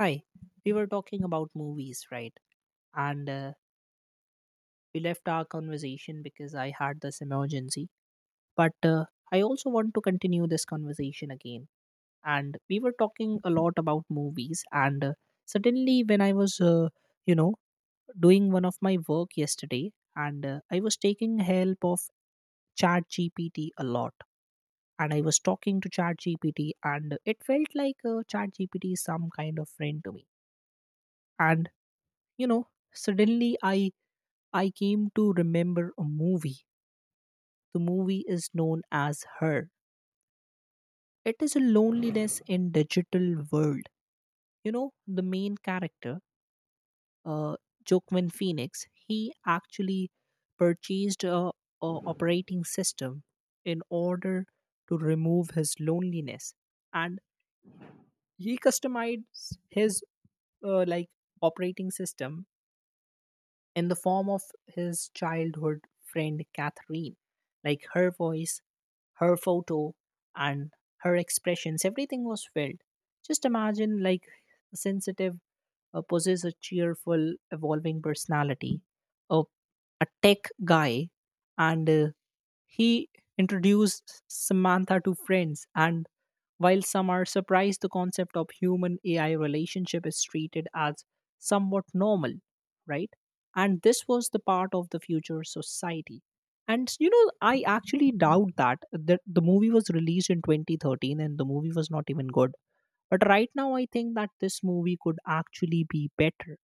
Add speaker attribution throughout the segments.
Speaker 1: Hi, we were talking about movies, right? And we left our conversation because I had this emergency. But I also want to continue this conversation again. And we were talking a lot about movies. And suddenly, when I was, you know, doing one of my work yesterday, and I was taking help of ChatGPT a lot. And I was talking to ChatGPT, and it felt like ChatGPT is some kind of friend to me. And you know suddenly i i came to remember a movie. The movie is known as Her. It is a loneliness in digital world. You know the main character, uh Joaquin Phoenix, he actually purchased a operating system in order to remove his loneliness. And he customized his uh, like operating system in the form of his childhood friend Catherine. Like her voice, her photo, and her expressions, everything was felt. Just imagine like a sensitive, possess a cheerful, evolving personality, a, a tech guy, and he introduced Samantha to friends, and while some are surprised, the concept of human AI relationship is treated as somewhat normal, right? And this was the part of the future society. And you know, I actually doubt that the movie was released in 2013 and the movie was not even good. But right now, I think that this movie could actually be better.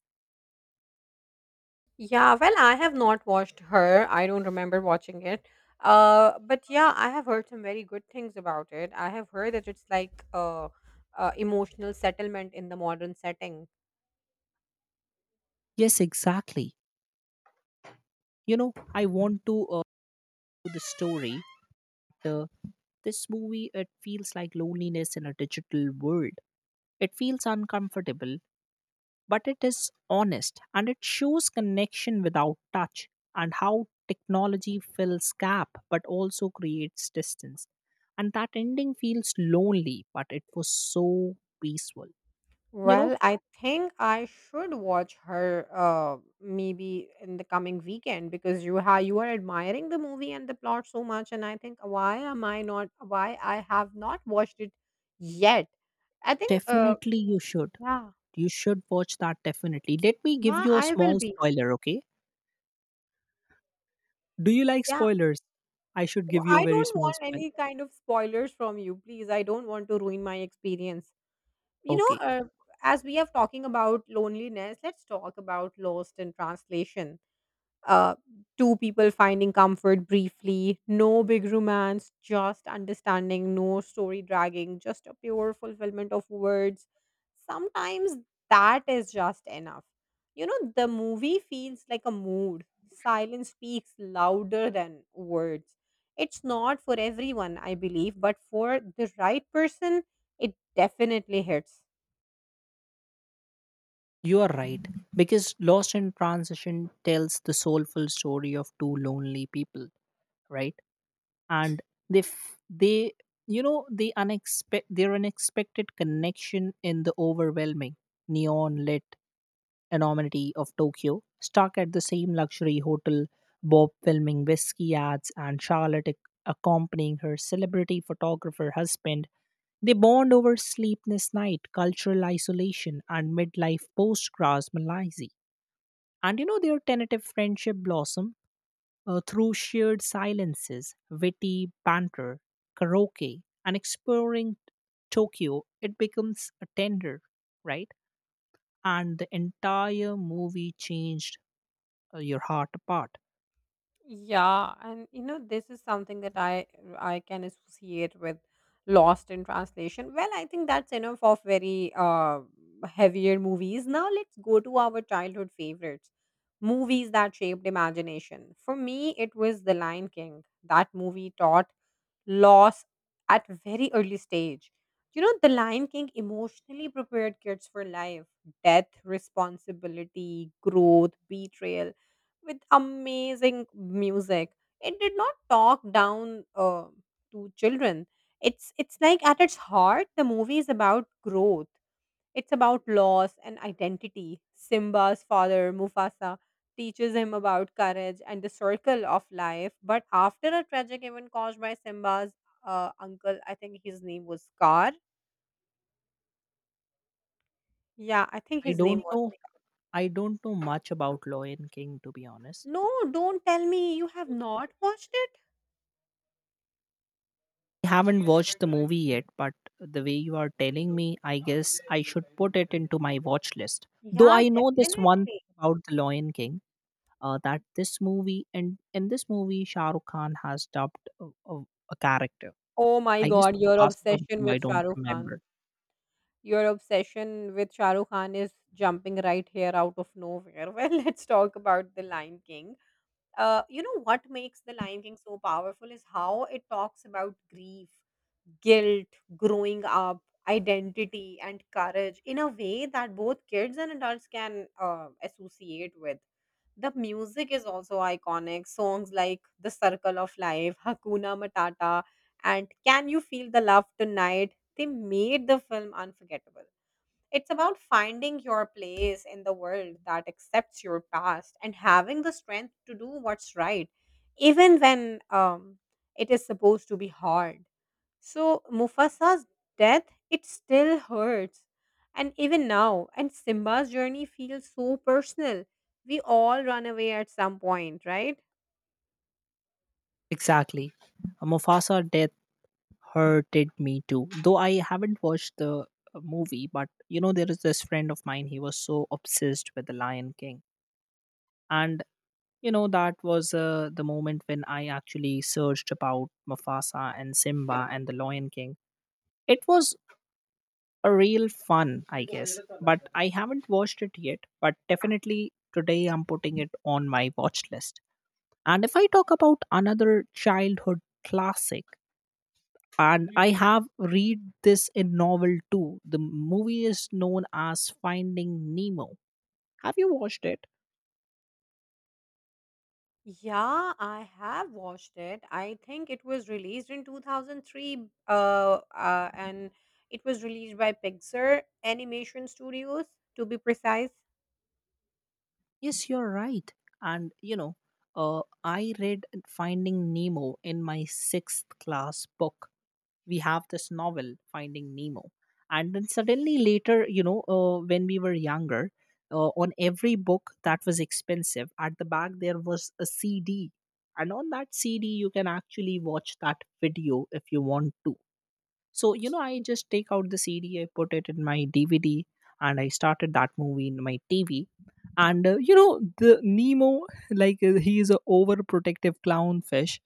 Speaker 2: Yeah, well, I have not watched her. I don't remember watching it. But yeah, I have heard some very good things about it. I have heard that it's like emotional settlement in the modern setting.
Speaker 1: Yes, exactly. You know, I want to do the story. The This movie, it feels like loneliness in a digital world. It feels uncomfortable, but it is honest and it shows connection without touch and how technology fills gap but also creates distance. And that ending feels lonely, but it was so peaceful. You know,
Speaker 2: Well, I think I should watch her maybe in the coming weekend because you are admiring the movie and the plot so much, and I think why I have not watched it yet? I think uh,
Speaker 1: definitely you should.
Speaker 2: yeah,
Speaker 1: You should watch that definitely. Let me give
Speaker 2: yeah,
Speaker 1: you a
Speaker 2: I will
Speaker 1: small
Speaker 2: be.
Speaker 1: spoiler, okay? Do you like
Speaker 2: Yeah.
Speaker 1: spoilers? I should give
Speaker 2: I
Speaker 1: you a
Speaker 2: I
Speaker 1: very
Speaker 2: don't
Speaker 1: small
Speaker 2: want
Speaker 1: spoiler.
Speaker 2: any kind of spoilers from you, please. I don't want to ruin my experience. You know,
Speaker 1: Okay.
Speaker 2: uh, as we are talking about loneliness, let's talk about Lost in Translation, uh, two people finding comfort briefly, no big romance, just understanding, no story dragging, just a pure fulfillment of words. Sometimes that is just enough. You know, the movie feels like a mood. Silence speaks louder than words. It's not for everyone, I believe, but for the right person, it definitely hits.
Speaker 1: You are right, because Lost in Transition tells the soulful story of two lonely people, right? And they, f- they, you know, the their unexpected connection in the overwhelming neon lit anonymity of Tokyo, stuck at the same luxury hotel, Bob filming whiskey ads, and Charlotte accompanying her celebrity photographer husband. They bond over sleepless night, cultural isolation, and midlife post-Gras malaise, and you know, their tentative friendship blossom through shared silences, witty banter, karaoke, and exploring Tokyo. It becomes a tender, right? And the entire movie changed, your heart apart.
Speaker 2: Yeah, and you know, this is something that I can associate with Lost in Translation. Well, I think that's enough of very heavier movies. Now let's go to our childhood favorites. Movies that shaped imagination. For me, it was The Lion King. That movie taught loss at very early stage. You know, The Lion King emotionally prepared kids for life, death, responsibility, growth, betrayal, with amazing music. It did not talk down to children. It's like at its heart, the movie is about growth. It's about loss and identity. Simba's father, Mufasa, teaches him about courage and the circle of life. But after a tragic event caused by Simba's uncle, I think his name was Scar. Yeah, I think
Speaker 1: I
Speaker 2: his name
Speaker 1: don't
Speaker 2: was.
Speaker 1: know. I don't know much about Lion King to be honest.
Speaker 2: No, don't tell me you have not watched it.
Speaker 1: I haven't watched the movie yet, but the way you are telling me, I guess I should put it into my watch list. Though
Speaker 2: Yeah,
Speaker 1: I know this one
Speaker 2: definitely.
Speaker 1: about the Lion King, that this movie, and in this movie Shah Rukh Khan has dubbed a character.
Speaker 2: Oh my
Speaker 1: I guess
Speaker 2: god, your
Speaker 1: Mufasa or
Speaker 2: obsession
Speaker 1: who, I
Speaker 2: with
Speaker 1: don't
Speaker 2: Shah Rukh Khan.
Speaker 1: remember
Speaker 2: Your obsession with Shah Rukh Khan is jumping right here out of nowhere. Well, let's talk about The Lion King. You know what makes the Lion King so powerful is how it talks about grief, guilt, growing up, identity, and courage in a way that both kids and adults can associate with. The music is also iconic. Songs like The Circle of Life, Hakuna Matata, and Can You Feel the Love Tonight, they made the film unforgettable. It's about finding your place in the world, that accepts your past and having the strength to do what's right, even when it is supposed to be hard. So Mufasa's death, it still hurts. And even now, and Simba's journey feels so personal. We all run away at some point, right?
Speaker 1: exactly. Mufasa death hurted me too, though I haven't watched the movie. But you know, there is this friend of mine. He was so obsessed with the Lion King, and you know that was the moment when I actually searched about Mufasa and Simba and the Lion King. It was a real fun, I guess. But I haven't watched it yet. But definitely today I'm putting it on my watch list. And if I talk about another childhood classic, and I have read this in novel too. The movie is known as Finding Nemo. Have you watched it?
Speaker 2: Yeah, I have watched it. I think it was released in 2003, and it was released by Pixar Animation Studios, to be precise.
Speaker 1: Yes, you're right. And you know, I read Finding Nemo in my sixth class book. We have this novel Finding Nemo, and then suddenly later, you know, when we were younger, on every book that was expensive, at the back there was a CD. And on that CD you can actually watch that video if you want to. So, you know, I just take out the CD, I put it in my DVD, and I started that movie in my TV. And, you know, the Nemo, like, he is a overprotective clownfish,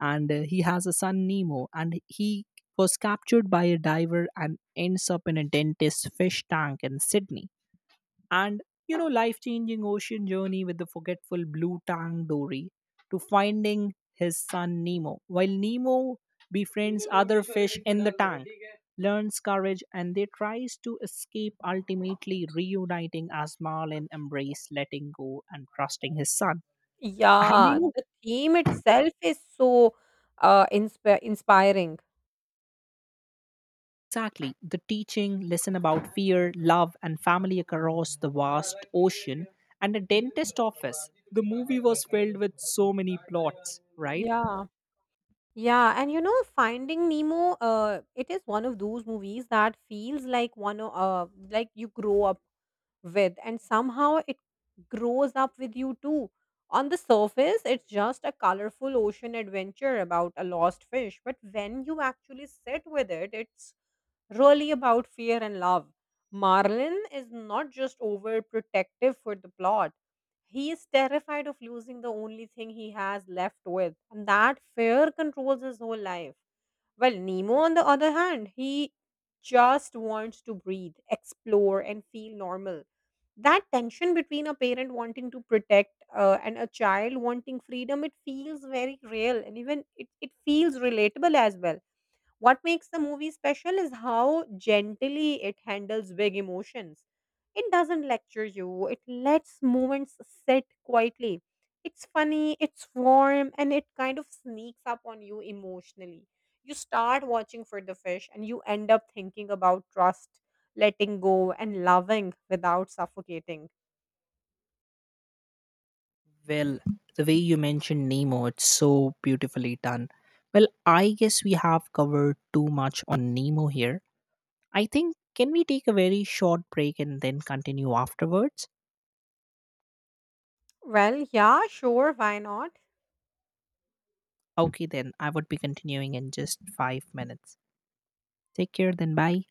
Speaker 1: and he has a son, Nemo, and he was captured by a diver and ends up in a dentist's fish tank in Sydney. And you know, life changing ocean journey with the forgetful blue tang Dory to finding his son Nemo, while Nemo befriends other fish in the tank, learns courage, and they tries to escape, ultimately reuniting as Marlin embrace letting go and trusting his son. And you
Speaker 2: Yeah,
Speaker 1: know,
Speaker 2: the theme itself is so inspiring.
Speaker 1: exactly the teaching lesson about fear, love, and family across the vast ocean and a dentist office. The movie was filled with so many plots, right?
Speaker 2: Yeah. Yeah, and you know, Finding Nemo, it is one of those movies that feels like like you grow up with and somehow it grows up with you too. On the surface, it's just a colorful ocean adventure about a lost fish, but when you actually sit with it, it's really about fear and love. Marlin is not just overprotective for the plot. He is terrified of losing the only thing he has left with, and that fear controls his whole life. Well, Nemo, on the other hand, he just wants to breathe, explore, and feel normal. That tension between a parent wanting to protect, and a child wanting freedom, it feels very real, and even it feels relatable as well. What makes the movie special is how gently it handles big emotions. It doesn't lecture you, it lets moments sit quietly. It's funny, it's warm, and it kind of sneaks up on you emotionally. You start watching for the fish and you end up thinking about trust, letting go, and loving without suffocating.
Speaker 1: Well, the way you mentioned Nemo, it's so beautifully done. Well, I guess we have covered too much on Nemo here. I think, can we take a very short break and then continue afterwards?
Speaker 2: Well, yeah, sure, why not?
Speaker 1: Okay, then I would be continuing in just 5 minutes. Take care, then bye.